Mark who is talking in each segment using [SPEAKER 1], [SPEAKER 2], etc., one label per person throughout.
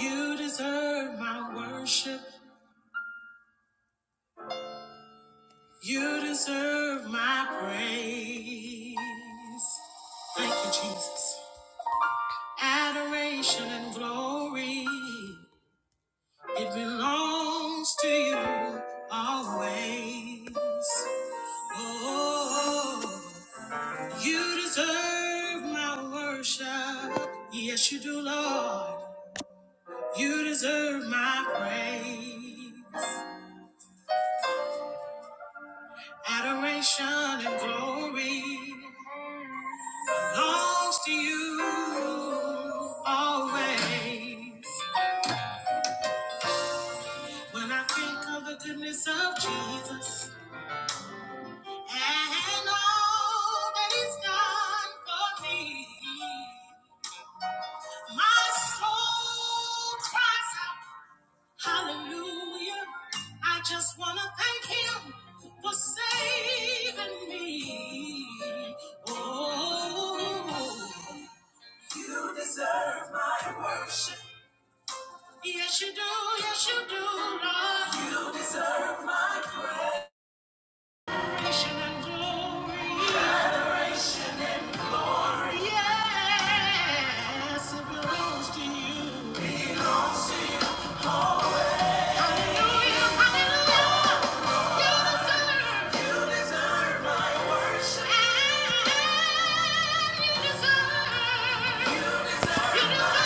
[SPEAKER 1] You deserve my worship. You deserve my praise. Thank you, Jesus. Adoration and glory, it belongs to you always. Oh, you deserve my worship. Yes, you do, Lord. You deserve my praise. Adoration and glory belongs to you always. When I think of the goodness of Jesus and all that He's done for me, my soul cries out, Hallelujah! I just wanna thank Him for saving me. Oh. You deserve my worship. Yes, you do. Yes, you do, Lord. You deserve adoration and glory. Yes, it belongs to you. Hallelujah, hallelujah. You deserve worship. you deserve- you deserve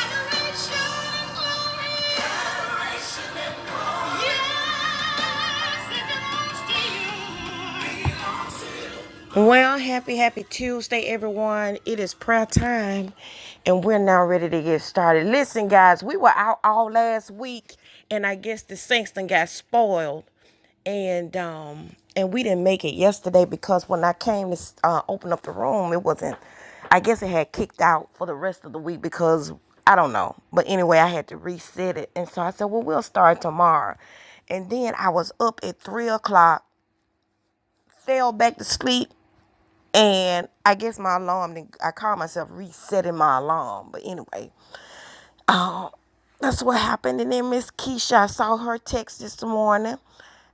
[SPEAKER 1] adoration and glory. Adoration and glory. Yes, it belongs to you. Belongs to you. Well, happy, happy Tuesday, everyone. It is prayer time, and we're now ready to get started. Listen, guys, we were out all last week, and I guess the Kingston got spoiled, and um, and we didn't make it yesterday because when I came to uh, open up the room, it wasn't. I guess it had kicked out for the rest of the week because I don't know. But anyway, I had to reset it, and so I said, well, we'll start tomorrow. And then I was up at three o'clock fell back to sleep and I guess my alarm, then I called myself resetting my alarm. But anyway, um, that's what happened. And then Miss Keisha, I saw her text this morning.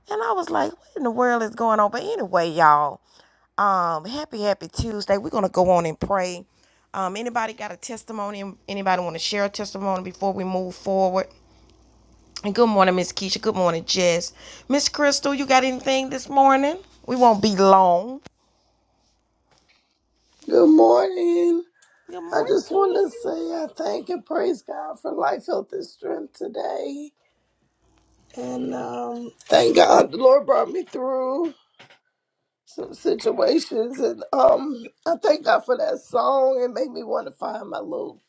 [SPEAKER 1] And I was like, what in the world is going on? But anyway, y'all, um, happy, happy Tuesday. We're going to go on and pray. Um, anybody got a testimony? Anybody want to share a testimony before we move forward? And good morning, Miss Keisha. Good morning, Jess. Miss Crystal, you got anything this morning? We won't be long.
[SPEAKER 2] Good morning.
[SPEAKER 1] Good
[SPEAKER 2] I just want
[SPEAKER 1] morning.
[SPEAKER 2] to say I thank and praise God for life, health, and strength today. And um, thank God the Lord brought me through some situations. And um, I thank God for that song. It made me want to find my little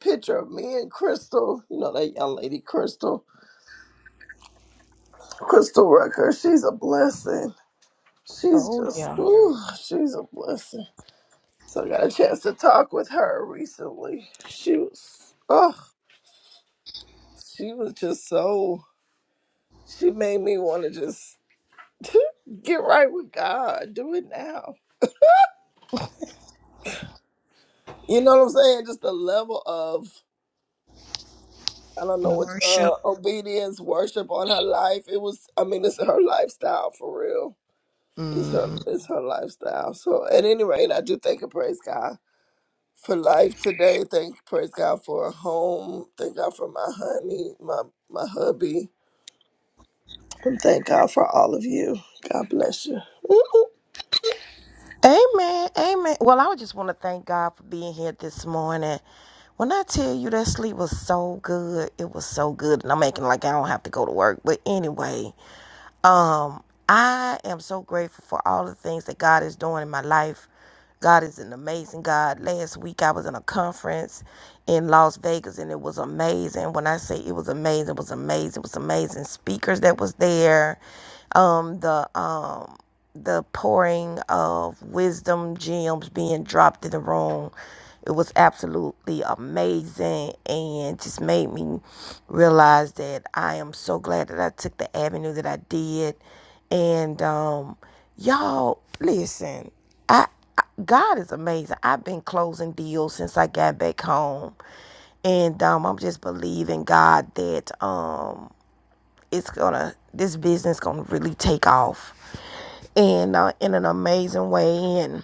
[SPEAKER 2] picture of me and Crystal. You know, that young lady, Crystal. Crystal Rucker. She's a blessing. She's
[SPEAKER 1] Oh
[SPEAKER 2] just,
[SPEAKER 1] yeah.
[SPEAKER 2] ooh, she's a blessing. So I got a chance to talk with her recently. She was, oh. She was just so, she made me want to just get right with God. Do it now. You know what I'm saying? Just the level of, I don't know what, uh,
[SPEAKER 1] Worship.
[SPEAKER 2] obedience, worship on her life. It was, I mean, it's her lifestyle for real. It's her,
[SPEAKER 1] hmm
[SPEAKER 2] it's her lifestyle. So at any rate, I do thank and praise God for life today. Thank, praise God for a home. Thank God for my honey, my, my hubby. And thank God for all of you. God bless you.
[SPEAKER 1] Amen. Amen. Well, I would just want to thank God for being here this morning. When I tell you that sleep was so good, it was so good. And I'm making like I don't have to go to work. But anyway, um, I am so grateful for all the things that God is doing in my life. God is an amazing God. Last week I was in a conference in Las Vegas and it was amazing. When I say it was amazing, it was amazing. It was amazing speakers that was there. Um, the um the pouring of wisdom gems being dropped in the room. It was absolutely amazing and just made me realize that I am so glad that I took the avenue that I did. And um, y'all, listen, I, I God is amazing. I've been closing deals since I got back home and um, I'm just believing God that um, it's gonna this business gonna really take off and uh, in an amazing way. And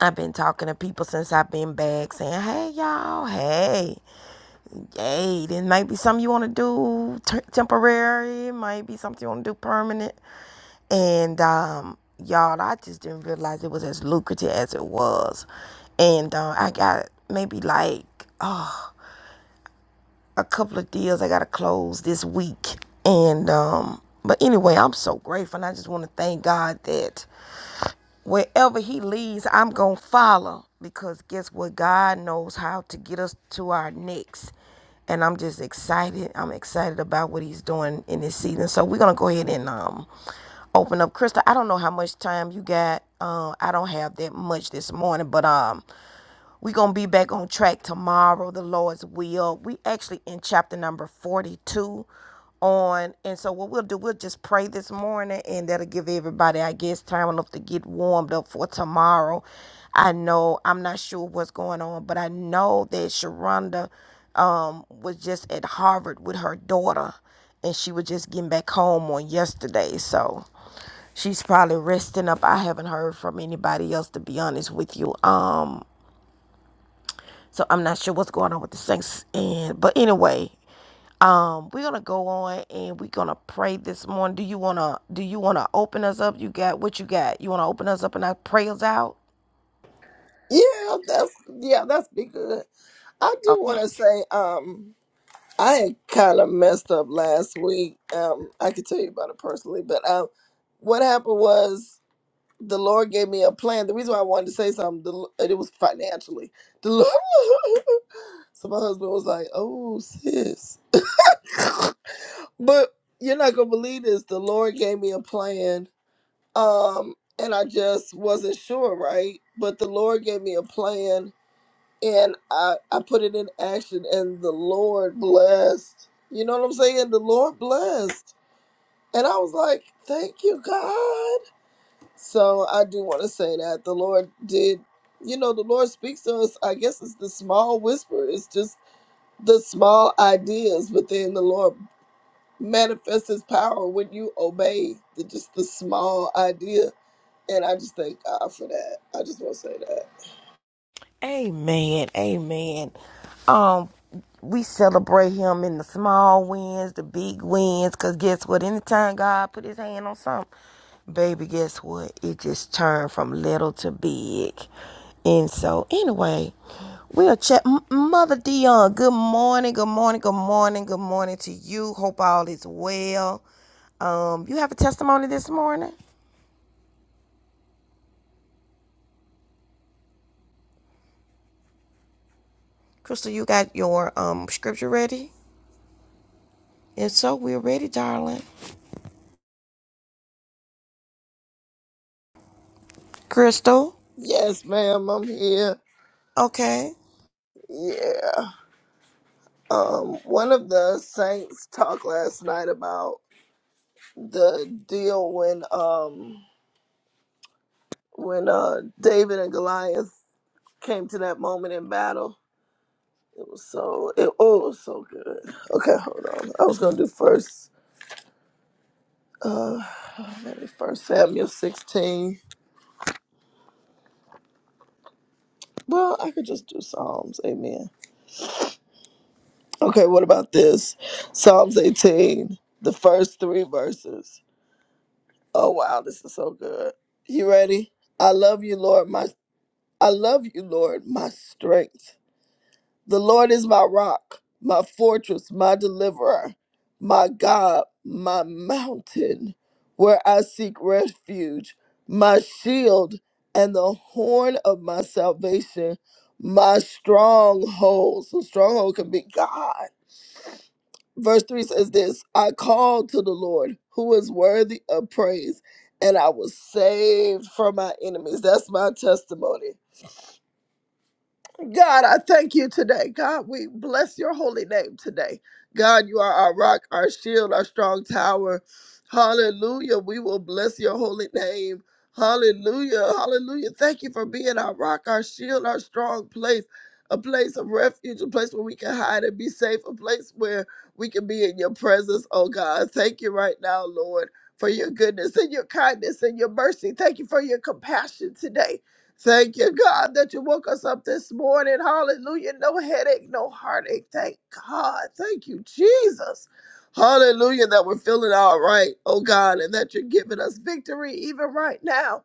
[SPEAKER 1] I've been talking to people since I've been back, saying, "Hey, y'all, hey, hey, this might be something you want to do t- temporary. It might be something you want to do permanent." And um, y'all, I just didn't realize it was as lucrative as it was. And uh, I got maybe like uh, a couple of deals I got to close this week. And um, but anyway, I'm so grateful. And I just want to thank God that wherever he leads, I'm going to follow because guess what? God knows how to get us to our next. And I'm just excited. I'm excited about what he's doing in this season. So we're going to go ahead and um open up Krista. I don't know how much time you got. Uh, I don't have that much this morning, but um we're going to be back on track tomorrow, the Lord's will. We actually in chapter number 42 on. And so what we'll do, we'll just pray this morning and that'll give everybody, I guess, time enough to get warmed up for tomorrow. I know, I'm not sure what's going on, but I know that Sharonda um, was just at Harvard with her daughter and she was just getting back home on yesterday. So she's probably resting up. I haven't heard from anybody else to be honest with you. Um, so I'm not sure what's going on with the Saints. And but anyway, um, we're gonna go on and we're gonna pray this morning. Do you wanna do you wanna open us up? You got what you got? You wanna open us up and our prayers out?
[SPEAKER 2] Yeah, that's yeah, that's be good. I do
[SPEAKER 1] Okay.
[SPEAKER 2] want to say, um, I had kind of messed up last week. Um, I could tell you about it personally, but um, what happened was the Lord gave me a plan. The reason why I wanted to say something, the, L- it was financially. The Lord, so my husband was like, "Oh, sis," but you're not gonna believe this. The Lord gave me a plan, um, and I just wasn't sure, right? But the Lord gave me a plan and I, I put it in action and the Lord blessed. You know what I'm saying? The Lord blessed. And I was like, thank you, God. So I do want to say that the Lord did, you know, the Lord speaks to us. I guess it's the small whisper, it's just the small ideas, but then the Lord manifests his power when you obey the, just the small idea. And I just thank God for that. I just want to say that.
[SPEAKER 1] Amen. Amen. Um, we celebrate him in the small wins, the big wins, because guess what? Anytime God put his hand on something, baby, guess what? It just turned from little to big. And so, anyway, we'll check. M- Mother Dion, good morning, good morning, good morning, good morning to you. Hope all is well. Um, you have a testimony this morning? Crystal, you got your um scripture ready? If so, we're ready, darling. Crystal.
[SPEAKER 2] Yes, ma'am, I'm here.
[SPEAKER 1] Okay.
[SPEAKER 2] Yeah. Um, one of the saints talked last night about the deal when um when uh David and Goliath came to that moment in battle. It was so it, oh it was so good. Okay, hold on. I was gonna do first uh maybe first Samuel sixteen. Well, I could just do Psalms, amen. Okay, what about this? Psalms eighteen, the first three verses. Oh wow, this is so good. You ready? I love you, Lord, my I love you, Lord, my strength. The Lord is my rock, my fortress, my deliverer, my God, my mountain, where I seek refuge, my shield, and the horn of my salvation, my stronghold. So, stronghold can be God. Verse 3 says this I called to the Lord, who is worthy of praise, and I was saved from my enemies. That's my testimony. God, I thank you today. God, we bless your holy name today. God, you are our rock, our shield, our strong tower. Hallelujah. We will bless your holy name. Hallelujah. Hallelujah. Thank you for being our rock, our shield, our strong place, a place of refuge, a place where we can hide and be safe, a place where we can be in your presence. Oh God, thank you right now, Lord, for your goodness and your kindness and your mercy. Thank you for your compassion today. Thank you, God, that you woke us up this morning. Hallelujah. No headache, no heartache. Thank God. Thank you, Jesus. Hallelujah, that we're feeling all right, oh God, and that you're giving us victory even right now.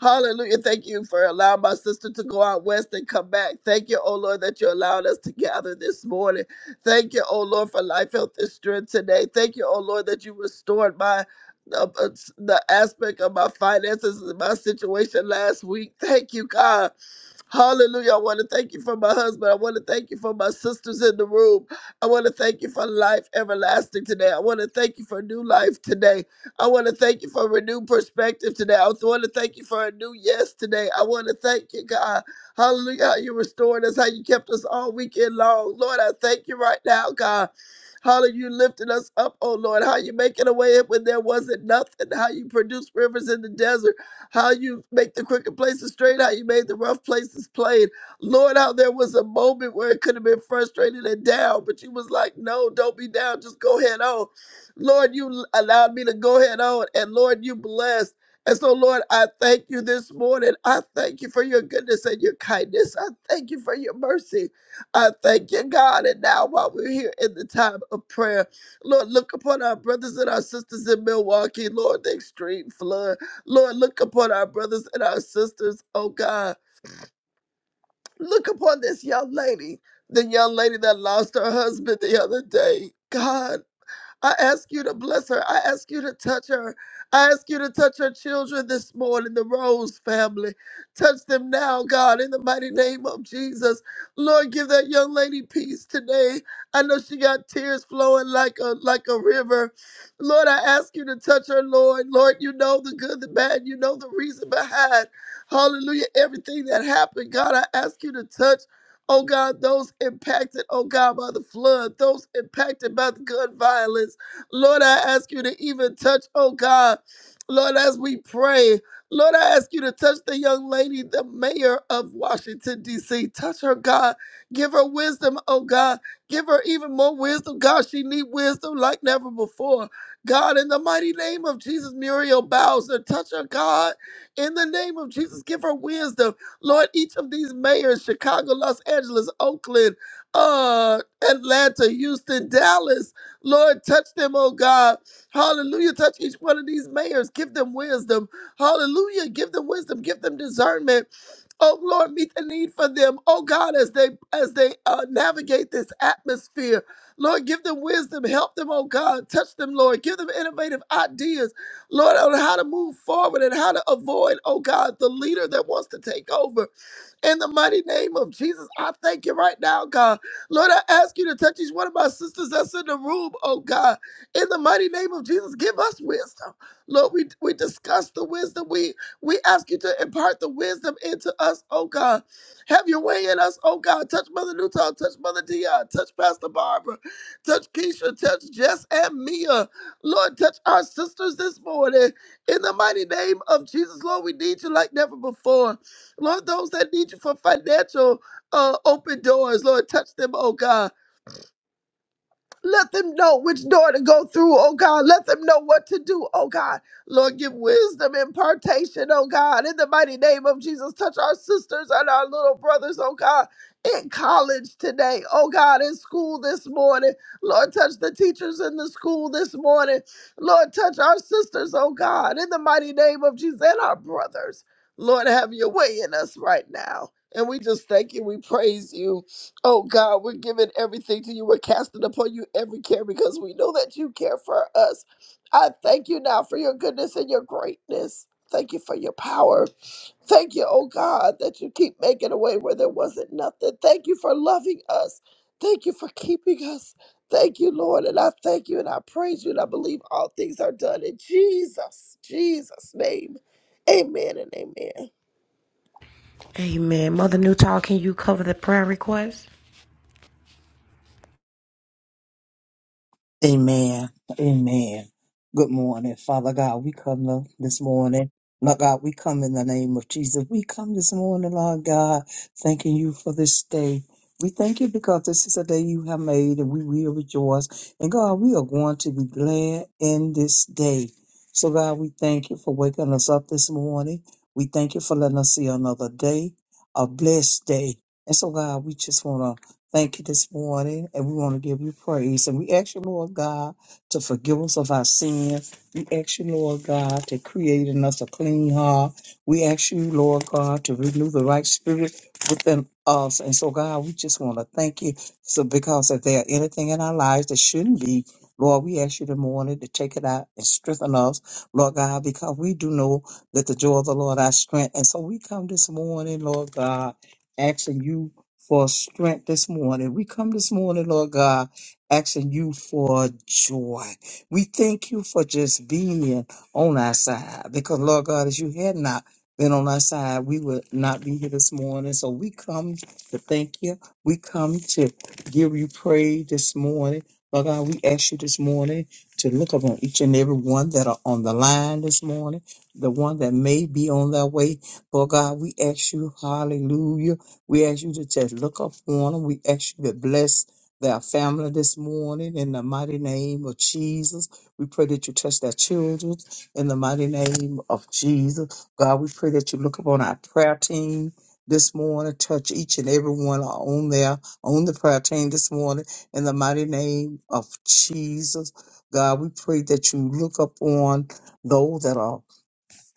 [SPEAKER 2] Hallelujah. Thank you for allowing my sister to go out west and come back. Thank you, oh Lord, that you allowed us to gather this morning. Thank you, oh Lord, for life, health, and strength today. Thank you, oh Lord, that you restored my the, the aspect of my finances and my situation last week. Thank you, God Hallelujah. I want to thank you for my husband. I want to thank you for my sisters in the room. I want to thank you for life everlasting today. I want to thank you for new life today. I want to thank you for renewed perspective today. I want to thank you for a new yes today. I want to thank you, God. Hallelujah. How you restored us, how you kept us all weekend long. Lord, I thank you right now, God. Hallelujah. You lifted us up, oh Lord. How you making a way when there wasn't nothing. How you produced rivers in the desert how you make the crooked places straight, how you made the rough places plain. Lord, how there was a moment where it could have been frustrated and down, but you was like, no, don't be down, just go ahead on. Lord, you allowed me to go ahead on, and Lord, you blessed. And so, Lord, I thank you this morning. I thank you for your goodness and your kindness. I thank you for your mercy. I thank you, God. And now, while we're here in the time of prayer, Lord, look upon our brothers and our sisters in Milwaukee, Lord, the extreme flood. Lord, look upon our brothers and our sisters, oh God. Look upon this young lady, the young lady that lost her husband the other day. God, I ask you to bless her. I ask you to touch her. I ask you to touch her children this morning, the Rose family. Touch them now, God, in the mighty name of Jesus. Lord, give that young lady peace today. I know she got tears flowing like a like a river. Lord, I ask you to touch her, Lord. Lord, you know the good, the bad, you know the reason behind. Hallelujah. Everything that happened, God, I ask you to touch. Oh God, those impacted, oh God, by the flood, those impacted by the gun violence. Lord, I ask you to even touch, oh God, Lord, as we pray. Lord, I ask you to touch the young lady, the mayor of Washington, D.C. Touch her, God. Give her wisdom, oh God. Give her even more wisdom. God, she need wisdom like never before. God, in the mighty name of Jesus, Muriel Bowser, touch her, God. In the name of Jesus, give her wisdom. Lord, each of these mayors, Chicago, Los Angeles, Oakland, uh, Atlanta, Houston, Dallas, Lord, touch them, oh God. Hallelujah. Touch each one of these mayors. Give them wisdom. Hallelujah. Give them wisdom. Give them discernment. Oh Lord, meet the need for them. Oh God, as they as they uh, navigate this atmosphere, Lord, give them wisdom. Help them, oh God. Touch them, Lord. Give them innovative ideas. Lord, on how to move forward and how to avoid, oh God, the leader that wants to take over. In the mighty name of Jesus, I thank you right now, God. Lord, I ask you to touch each one of my sisters that's in the room, oh God. In the mighty name of Jesus, give us wisdom. Lord, we, we discuss the wisdom. We we ask you to impart the wisdom into us, oh God. Have your way in us, oh God. Touch Mother Newton, touch Mother Dion, touch Pastor Barbara, touch Keisha, touch Jess and Mia. Lord, touch our sisters this morning. In the mighty name of Jesus, Lord, we need you like never before. Lord, those that need you for financial uh, open doors, Lord, touch them, oh God. Let them know which door to go through, oh God. Let them know what to do, oh God. Lord, give wisdom, impartation, oh God. In the mighty name of Jesus, touch our sisters and our little brothers, oh God, in college today, oh God, in school this morning. Lord, touch the teachers in the school this morning. Lord, touch our sisters, oh God, in the mighty name of Jesus and our brothers. Lord, have your way in us right now. And we just thank you. We praise you. Oh God, we're giving everything to you. We're casting upon you every care because we know that you care for us. I thank you now for your goodness and your greatness. Thank you for your power. Thank you, oh God, that you keep making a way where there wasn't nothing. Thank you for loving us. Thank you for keeping us. Thank you, Lord. And I thank you and I praise you and I believe all things are done in Jesus, Jesus' name. Amen and amen.
[SPEAKER 1] Amen. Mother Newtall, can you cover the prayer request?
[SPEAKER 3] Amen. Amen. Good morning, Father God. We come lo- this morning. Lord God, we come in the name of Jesus. We come this morning, Lord God, thanking you for this day. We thank you because this is a day you have made and we will rejoice. And God, we are going to be glad in this day. So, God, we thank you for waking us up this morning. We thank you for letting us see another day, a blessed day. And so, God, we just want to thank you this morning, and we want to give you praise. And we ask you, Lord God, to forgive us of our sins. We ask you, Lord God, to create in us a clean heart. We ask you, Lord God, to renew the right spirit within us. And so, God, we just want to thank you. So, because if there anything in our lives that shouldn't be, Lord, we ask you this morning to take it out and strengthen us, Lord God, because we do know that the joy of the Lord our strength. And so we come this morning, Lord God, asking you for strength this morning. We come this morning, Lord God, asking you for joy. We thank you for just being on our side because, Lord God, as you had not been on our side, we would not be here this morning. So we come to thank you. We come to give you praise this morning. Lord God, we ask you this morning to look upon each and every one that are on the line this morning, the one that may be on their way. Lord God, we ask you, hallelujah we ask you to just look up on them. We ask you to bless their family this morning in the mighty name of Jesus. We pray that you touch their children in the mighty name of Jesus. God, we pray that you look upon our prayer team this morning, touch each and every one on there, on the prayer team this morning in the mighty name of Jesus. God, we pray that you look upon those that are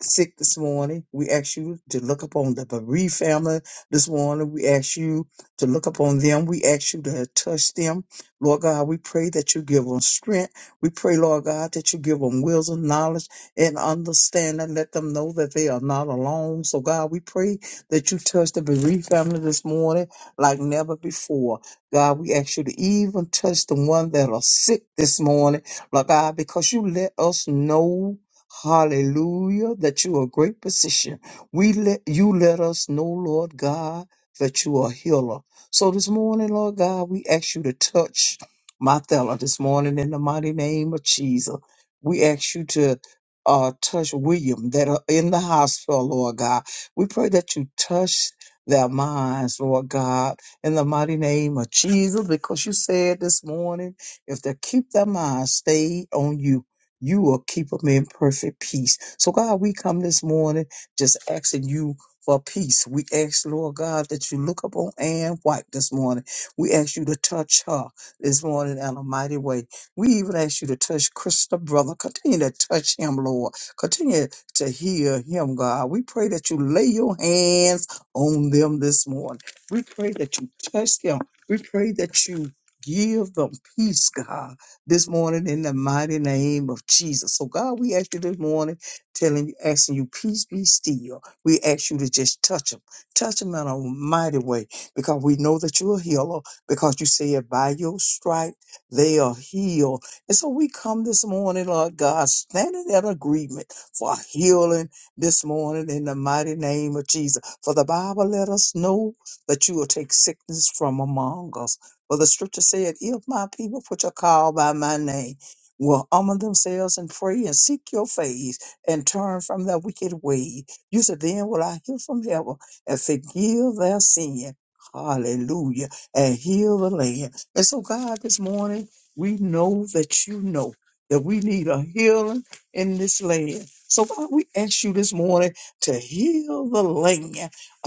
[SPEAKER 3] sick this morning. We ask you to look upon the bereaved family this morning. We ask you to look upon them. We ask you to touch them. Lord God, we pray that you give them strength. We pray, Lord God, that you give them wisdom, knowledge, and understanding. Let them know that they are not alone. So, God, we pray that you touch the bereaved family this morning like never before. God, we ask you to even touch the one that are sick this morning, Lord God, because you let us know. Hallelujah, that you are a great physician. We let you let us know, Lord God, that you are a healer. So this morning, Lord God, we ask you to touch my fella this morning in the mighty name of Jesus. We ask you to uh, touch William that are in the hospital, Lord God. We pray that you touch their minds, Lord God, in the mighty name of Jesus, because you said this morning, if they keep their minds stayed on you, you will keep them in perfect peace. So, God, we come this morning just asking you for peace. We ask, Lord God, that you look upon Ann White this morning. We ask you to touch her this morning in a mighty way. We even ask you to touch Krista, brother. Continue to touch him, Lord. Continue to heal him, God. We pray that you lay your hands on them this morning. We pray that you touch them. We pray that you give them peace, God this morning in the mighty name of Jesus. So God, we ask you this morning, telling you, asking you, peace be still. We ask you to just touch them, touch them in a mighty way, because we know that you're a healer, because you said by your stripe they are healed. And so we come this morning, Lord God, standing in agreement for healing this morning in the mighty name of Jesus. For the Bible let us know that you will take sickness from among us. Well, the scripture said, If my people, which are called by my name, will humble themselves and pray and seek your face and turn from their wicked way, you said, Then will I hear from heaven and forgive their sin. Hallelujah. And heal the land. And so, God, this morning, we know that you know that we need a healing in this land. So, God, we ask you this morning to heal the land,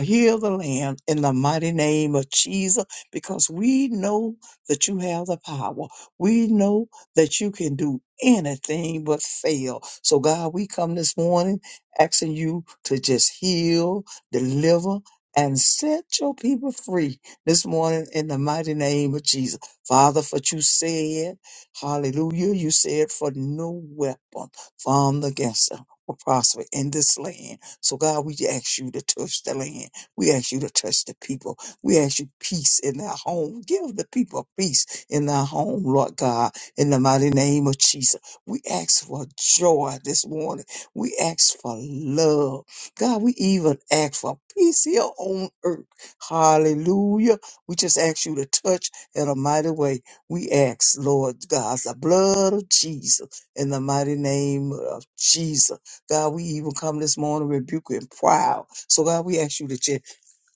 [SPEAKER 3] heal the land in the mighty name of Jesus because we know that you have the power. We know that you can do anything but fail. So, God, we come this morning asking you to just heal, deliver, and set your people free this morning in the mighty name of Jesus. Father, for you said, hallelujah, you said, for no weapon formed against them will prosper in this land. So, God, we ask you to touch the land. We ask you to touch the people. We ask you peace in their home. Give the people peace in their home, Lord God, in the mighty name of Jesus. We ask for joy this morning. We ask for love. God, we even ask for peace here on earth. Hallelujah. We just ask you to touch in a mighty way. We ask, Lord God, the blood of Jesus in the mighty name of Jesus. God, we even come this morning rebuking proud. So God, we ask you to just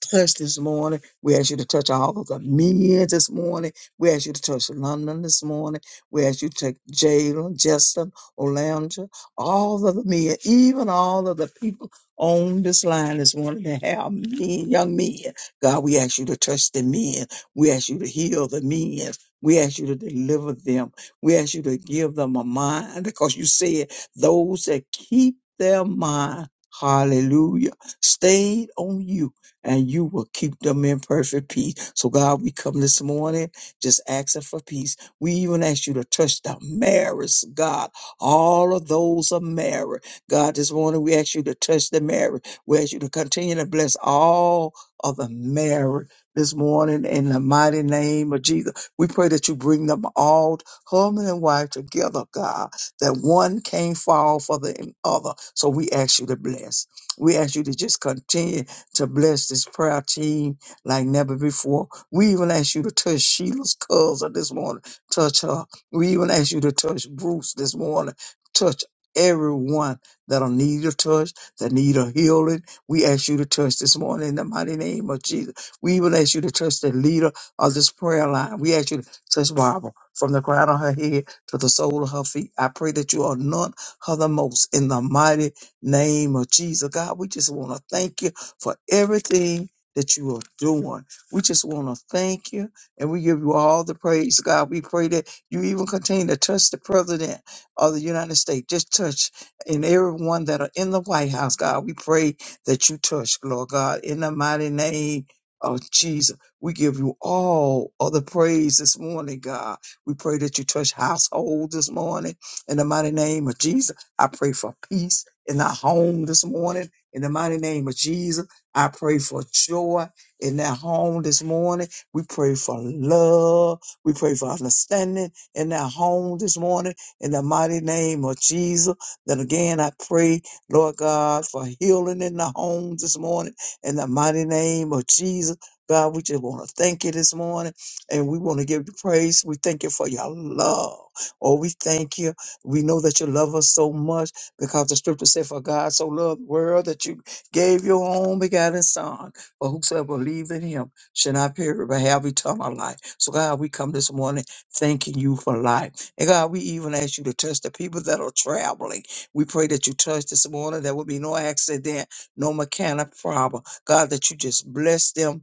[SPEAKER 3] touch this morning. We ask you to touch all of the men this morning. We ask you to touch London this morning. We ask you to take Jalen, Justin, Olandra, all of the men, even all of the people on this line this morning that have men, young men. God, we ask you to touch the men. We ask you to heal the men. We ask you to deliver them. We ask you to give them a mind because you said those that keep their mind, hallelujah, stayed on you and you will keep them in perfect peace. So, God, we come this morning just asking for peace. We even ask you to touch the marriage, God. All of those are married. God, this morning we ask you to touch the marriage. We ask you to continue to bless all of the married this morning in the mighty name of Jesus. We pray that you bring them all, husband and wife, together, God, that one can't fall for the other. So we ask you to bless. We ask you to just continue to bless this prayer team like never before. We even ask you to touch Sheila's cousin this morning, touch her. We even ask you to touch Bruce this morning, touch everyone that'll need a touch, that need a healing. We ask you to touch this morning in the mighty name of Jesus. We even ask you to touch the leader of this prayer line. We ask you to touch Barbara from the crown of her head to the sole of her feet. I pray that you anoint her the most in the mighty name of Jesus. God, we just want to thank you for everything that you are doing. We just want to thank you and we give you all the praise, God. We pray that you even continue to touch the president of the United States. Just touch and everyone that are in the White House, God. We pray that you touch, Lord God, in the mighty name of Jesus. We give you all of the praise this morning, God. We pray that you touch households this morning in the mighty name of Jesus. I pray for peace in our home this morning in the mighty name of Jesus. I pray for joy in that home this morning. We pray for love. We pray for understanding in that home this morning in the mighty name of Jesus. Then again, I pray, Lord God, for healing in the home this morning in the mighty name of Jesus. God, we just want to thank you this morning and we want to give you praise. We thank you for your love. Oh, we thank you. We know that you love us so much because the scripture said, For God so loved the world that you gave your own begotten Son, for whosoever believes in him shall not perish but have eternal life. So, God, we come this morning thanking you for life. And God, we even ask you to touch the people that are traveling. We pray that you touch this morning. There will be no accident, no mechanic problem. God, that you just bless them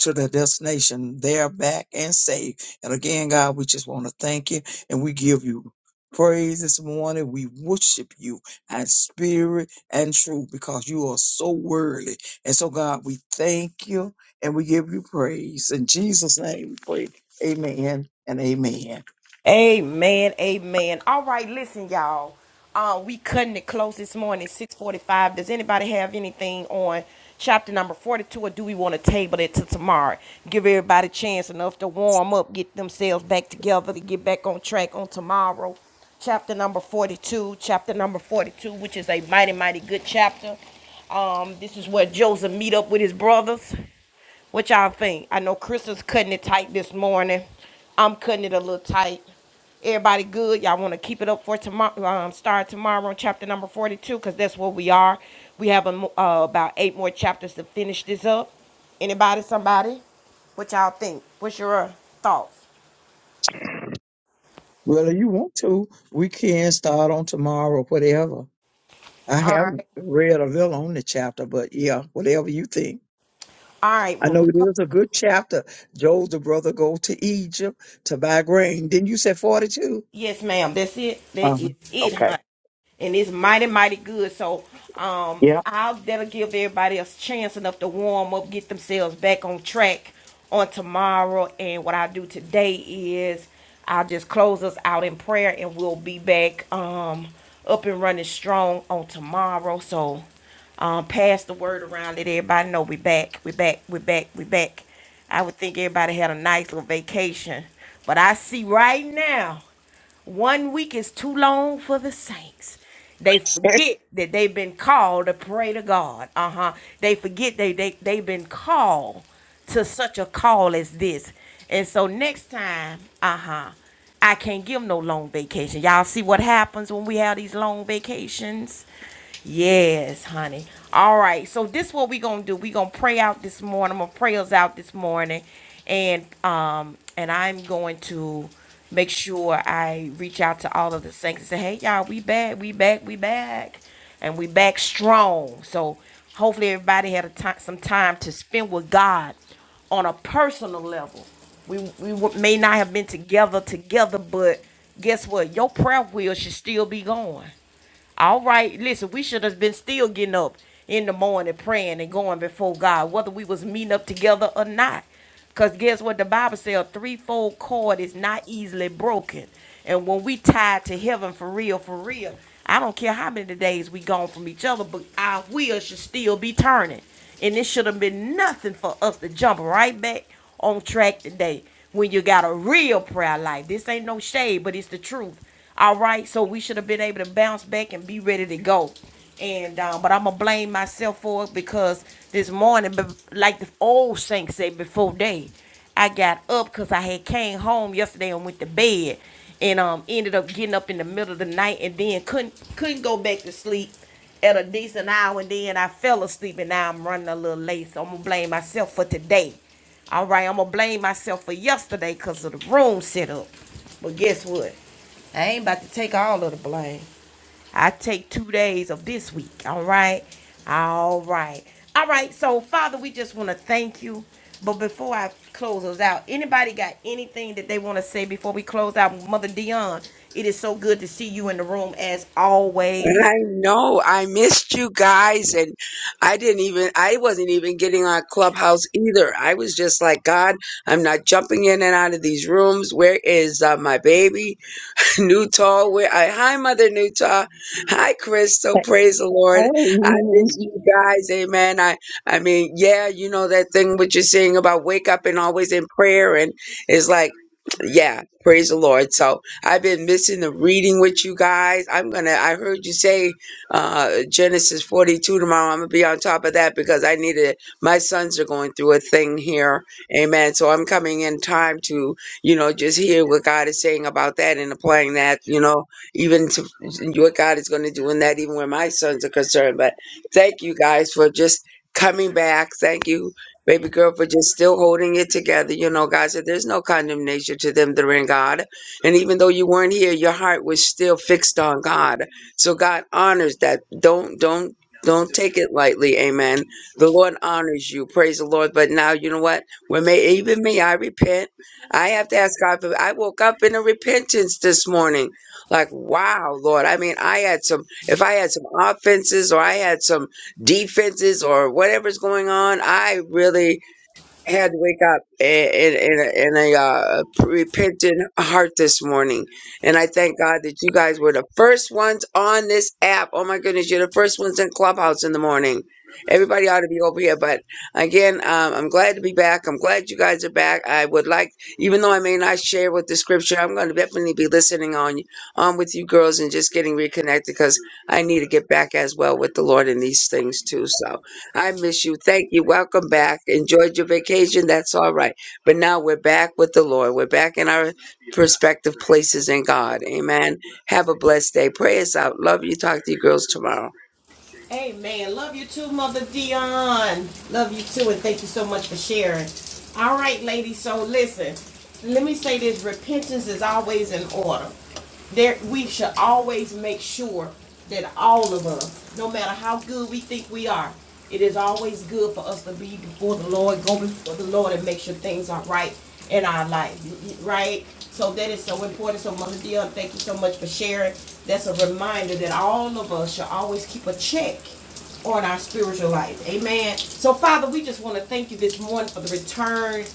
[SPEAKER 3] to their destination. They're back and safe. And again, God, we just want to thank you and we give you praise this morning. We worship you and spirit and true because you are so worthy. And so, God, we thank you and we give you praise. In Jesus' name, we pray. Amen and amen.
[SPEAKER 1] Amen. Amen. All right, listen, y'all. Uh, we cutting it close this morning, 645. Does anybody have anything on chapter number 42 or do we want to table it till tomorrow? Give everybody a chance enough to warm up, get themselves back together to get back on track on tomorrow. Chapter number 42, chapter number 42, which is a mighty, mighty good chapter. Um, this is where Joseph meet up with his brothers. What y'all think? I know Krista's cutting it tight this morning. I'm cutting it a little tight. Everybody good? Y'all want to keep it up for tomorrow? Um, start tomorrow on chapter number 42 because that's where we are. We have a, mo- uh, about eight more chapters to finish this up. Anybody? Somebody? What y'all think? What's your uh, thoughts?
[SPEAKER 3] Well, if you want to, we can start on tomorrow, whatever. I
[SPEAKER 1] All
[SPEAKER 3] haven't
[SPEAKER 1] right.
[SPEAKER 3] read a little on the chapter, but yeah, whatever you think.
[SPEAKER 1] All right.
[SPEAKER 3] I
[SPEAKER 1] Well,
[SPEAKER 3] know
[SPEAKER 1] we'll
[SPEAKER 3] it
[SPEAKER 1] come-
[SPEAKER 3] is a good chapter. Job, the brother, go to Egypt to buy grain. Didn't you say 42?
[SPEAKER 1] yes, ma'am. That's it. That
[SPEAKER 3] Uh-huh.
[SPEAKER 1] is it,
[SPEAKER 3] Okay.
[SPEAKER 1] and it's mighty mighty good so um
[SPEAKER 3] Yeah.
[SPEAKER 1] i'll that'll give everybody a chance enough to warm up get themselves back on track on tomorrow and what i do today is i'll just close us out in prayer and we'll be back um up and running strong on tomorrow so um pass the word around let everybody know we are back we are back we are back we are back i would think everybody had a nice little vacation but i see right now one week is too long for the saints. They forget that they've been called to pray to God. Uh huh. They forget they, they, they've been called to such a call as this. And so next time, uh huh, I can't give 'em no long vacation. Y'all see what happens when we have these long vacations? Yes, honey. All right. So this is what we gonna do. We gonna pray out this morning. I'm gonna pray us out this morning, and um, and I'm going to make sure I reach out to all of the saints and say, hey, y'all, we back, we back, we back. And we back strong. So hopefully everybody had a time, some time to spend with God on a personal level. We, we w- may not have been together, together, but guess what? Your prayer wheel should still be going. All right, listen, we should have been still getting up in the morning praying and going before God, whether we was meeting up together or not. Because guess what the Bible says? A threefold cord is not easily broken. And when we tied to heaven for real, for real, I don't care how many days we gone from each other, but our wheels should still be turning. And it should have been nothing for us to jump right back on track today when you got a real prayer life. This ain't no shade, but it's the truth. All right, so we should have been able to bounce back and be ready to go. And um, but I'm gonna blame myself for it because this morning, like the old saints say, before day, I got up because I had came home yesterday and went to bed, and um ended up getting up in the middle of the night and then couldn't couldn't go back to sleep at a decent hour, and then I fell asleep and now I'm running a little late. So I'm gonna blame myself for today. All right, I'm gonna blame myself for yesterday because of the room setup. But guess what? I ain't about to take all of the blame. I take two days of this week. All right, all right, all right. So Father, we just want to thank you. But before I close us out, anybody got anything that they want to say before we close out? Mother Dion, it is so good to see you in the room as always.
[SPEAKER 4] I know I missed you guys and I didn't even I wasn't even getting on Clubhouse either. I was just like, God, I'm not jumping in and out of these rooms. Where is uh, my baby, Newtall? Where I hi mother Newtall. Hi Crystal, praise the Lord. I
[SPEAKER 3] hey.
[SPEAKER 4] missed you guys, amen. I I mean, yeah, you know that thing what you're saying about wake up and always in prayer and it's like yeah praise the lord so i've been missing the reading with you guys i'm gonna i heard you say uh genesis 42 tomorrow i'm gonna be on top of that because i need it my sons are going through a thing here amen so i'm coming in time to you know just hear what god is saying about that and applying that you know even to what god is going to do in that even where my sons are concerned but thank you guys for just coming back thank you baby girl for just still holding it together. You know, God said there's no condemnation to them that are in God. And even though you weren't here, your heart was still fixed on God. So God honors that. Don't don't don't take it lightly, amen. The Lord honors you. Praise the Lord. But now you know what? When may even me, I repent. I have to ask God for I woke up in a repentance this morning. Like, wow, Lord. I mean, I had some if I had some offenses or I had some defenses or whatever's going on. I really I had to wake up in in, in a, in a uh, repentant heart this morning, and I thank God that you guys were the first ones on this app. Oh my goodness, you're the first ones in Clubhouse in the morning. Everybody ought to be over here, but again, um, I'm glad to be back. I'm glad you guys are back. I would like, even though I may not share with the scripture, I'm going to definitely be listening on on with you girls and just getting reconnected because I need to get back as well with the Lord in these things too. So. I miss you. Thank you. Welcome back. Enjoyed your vacation. That's all right. But now we're back with the Lord. We're back in our prospective places in God. Amen. Have a blessed day. Pray us out. Love you. Talk to you girls tomorrow.
[SPEAKER 1] Amen. Love you too, Mother Dion. Love you too, and thank you so much for sharing. All right, ladies. So listen, let me say this: repentance is always in order there, we should always make sure that all of us, no matter how good we think we are, it is always good for us to be before the Lord, go before the Lord and make sure things are right in our life, right? So that is so important. So Mother Dion, thank you so much for sharing. That's a reminder that all of us should always keep a check on our spiritual life. Amen. So Father, we just want to thank you this morning for the return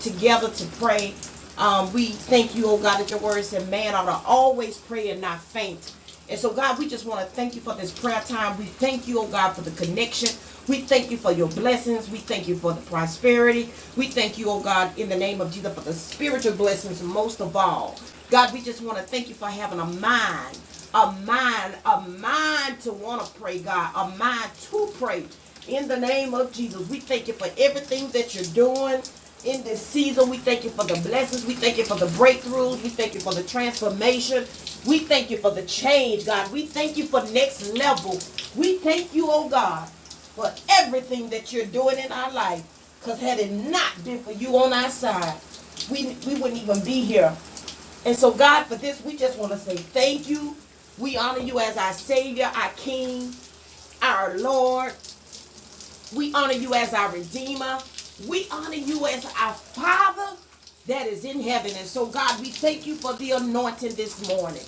[SPEAKER 1] together to pray. Um, we thank you, oh God, that your word said man ought to always pray and not faint. And so, God, we just want to thank you for this prayer time. We thank you, oh God, for the connection. We thank you for your blessings. We thank you for the prosperity. We thank you, oh God, in the name of Jesus, for the spiritual blessings most of all. God, we just want to thank you for having a mind, a mind, a mind to want to pray, God, a mind to pray. In the name of Jesus, we thank you for everything that you're doing in this season. We thank you for the blessings. We thank you for the breakthroughs. We thank you for the transformation. We thank you for the change, God. We thank you for next level. We thank you, oh God, for everything that you're doing in our life. Because had it not been for you on our side, we, we wouldn't even be here. And so, God, for this, we just want to say thank you. We honor you as our Savior, our King, our Lord. We honor you as our Redeemer. We honor you as our Father that is in heaven. And so, God, we thank you for the anointing this morning.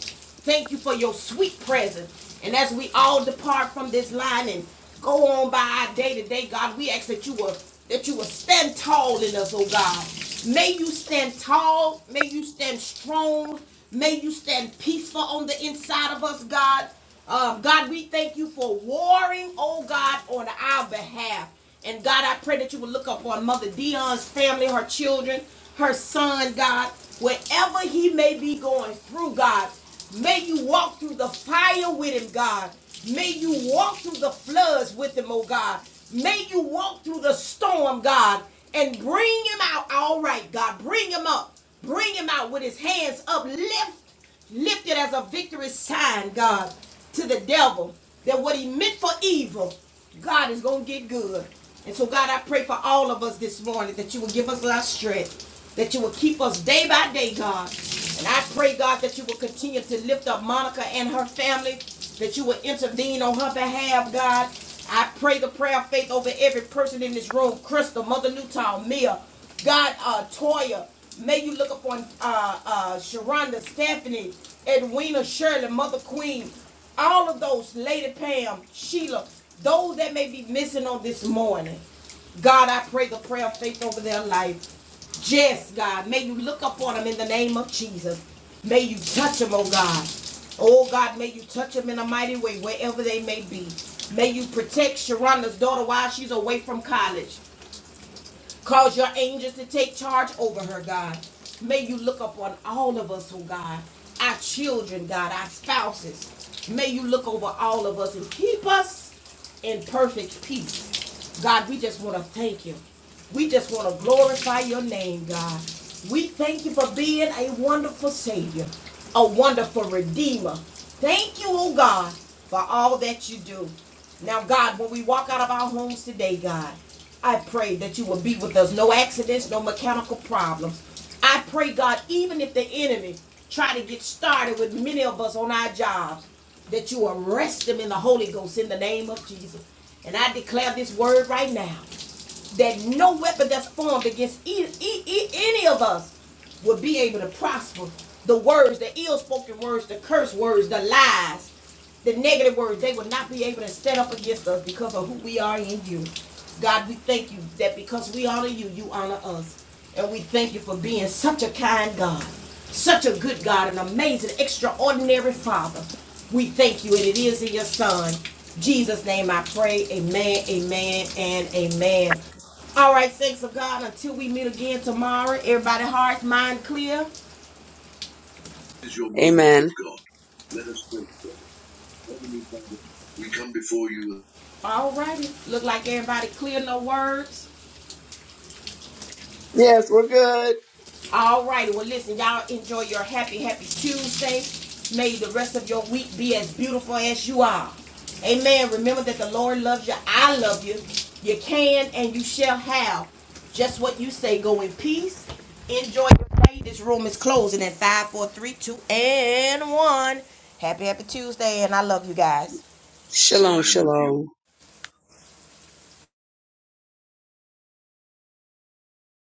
[SPEAKER 1] Thank you for your sweet presence. And as we all depart from this line and go on by our day to day, God, we ask that you will that you will stand tall in us, oh God. May you stand tall. May you stand strong. May you stand peaceful on the inside of us, God. Um, God, we thank you for warring, oh God, on our behalf. And God, I pray that you will look up upon Mother Dion's family, her children, her son, God, wherever he may be going through, God. May you walk through the fire with him, God. May you walk through the floods with him, oh God. May you walk through the storm, God, and bring him out all right, God. Bring him up. Bring him out with his hands uplifted Lifted as a victory sign, God, to the devil that what he meant for evil, God is going to get good. And so, God, I pray for all of us this morning that you will give us our strength, that you will keep us day by day, God. And I pray, God, that you will continue to lift up Monica and her family, that you will intervene on her behalf, God. I pray the prayer of faith over every person in this room Crystal, Mother Newtown, Mia, God, uh, Toya, may you look upon uh, uh, Sharonda, Stephanie, Edwina, Shirley, Mother Queen, all of those, Lady Pam, Sheila, those that may be missing on this morning. God, I pray the prayer of faith over their life. Jess, God, may you look upon them in the name of Jesus. May you touch them, oh God. Oh God, may you touch them in a mighty way wherever they may be. May you protect Sharonda's daughter while she's away from college. Cause your angels to take charge over her, God. May you look upon all of us, oh God, our children, God, our spouses. May you look over all of us and keep us in perfect peace. God, we just want to thank you. We just want to glorify your name, God. We thank you for being a wonderful Savior a wonderful redeemer. Thank you, oh God, for all that you do. Now, God, when we walk out of our homes today, God, I pray that you will be with us. No accidents, no mechanical problems. I pray, God, even if the enemy try to get started with many of us on our jobs, that you arrest them in the Holy Ghost in the name of Jesus. And I declare this word right now that no weapon that's formed against e- e- e- any of us will be able to prosper. The words, the ill spoken words, the curse words, the lies the negative words, they will not be able to stand up against us because of who we are in you. God, we thank you that because we honor you, you honor us. And we thank you for being such a kind God, such a good God, an amazing, extraordinary Father. We thank you, and it is in your Son. Jesus' name I pray. Amen, amen, and amen. All right, thanks of God. Until we meet again tomorrow, everybody hearts, mind clear.
[SPEAKER 4] Amen.
[SPEAKER 1] All righty. Look like everybody clear, no words.
[SPEAKER 2] Yes, we're good.
[SPEAKER 1] All righty. Well, listen, y'all enjoy your happy, happy Tuesday. May the rest of your week be as beautiful as you are. Amen. Remember that the Lord loves you. I love you. You can and you shall have just what you say. Go in peace. Enjoy your day. This room is closing at five, four, three, two, and 1. Happy, happy Tuesday, and I love you guys.
[SPEAKER 4] Shalom, shalom.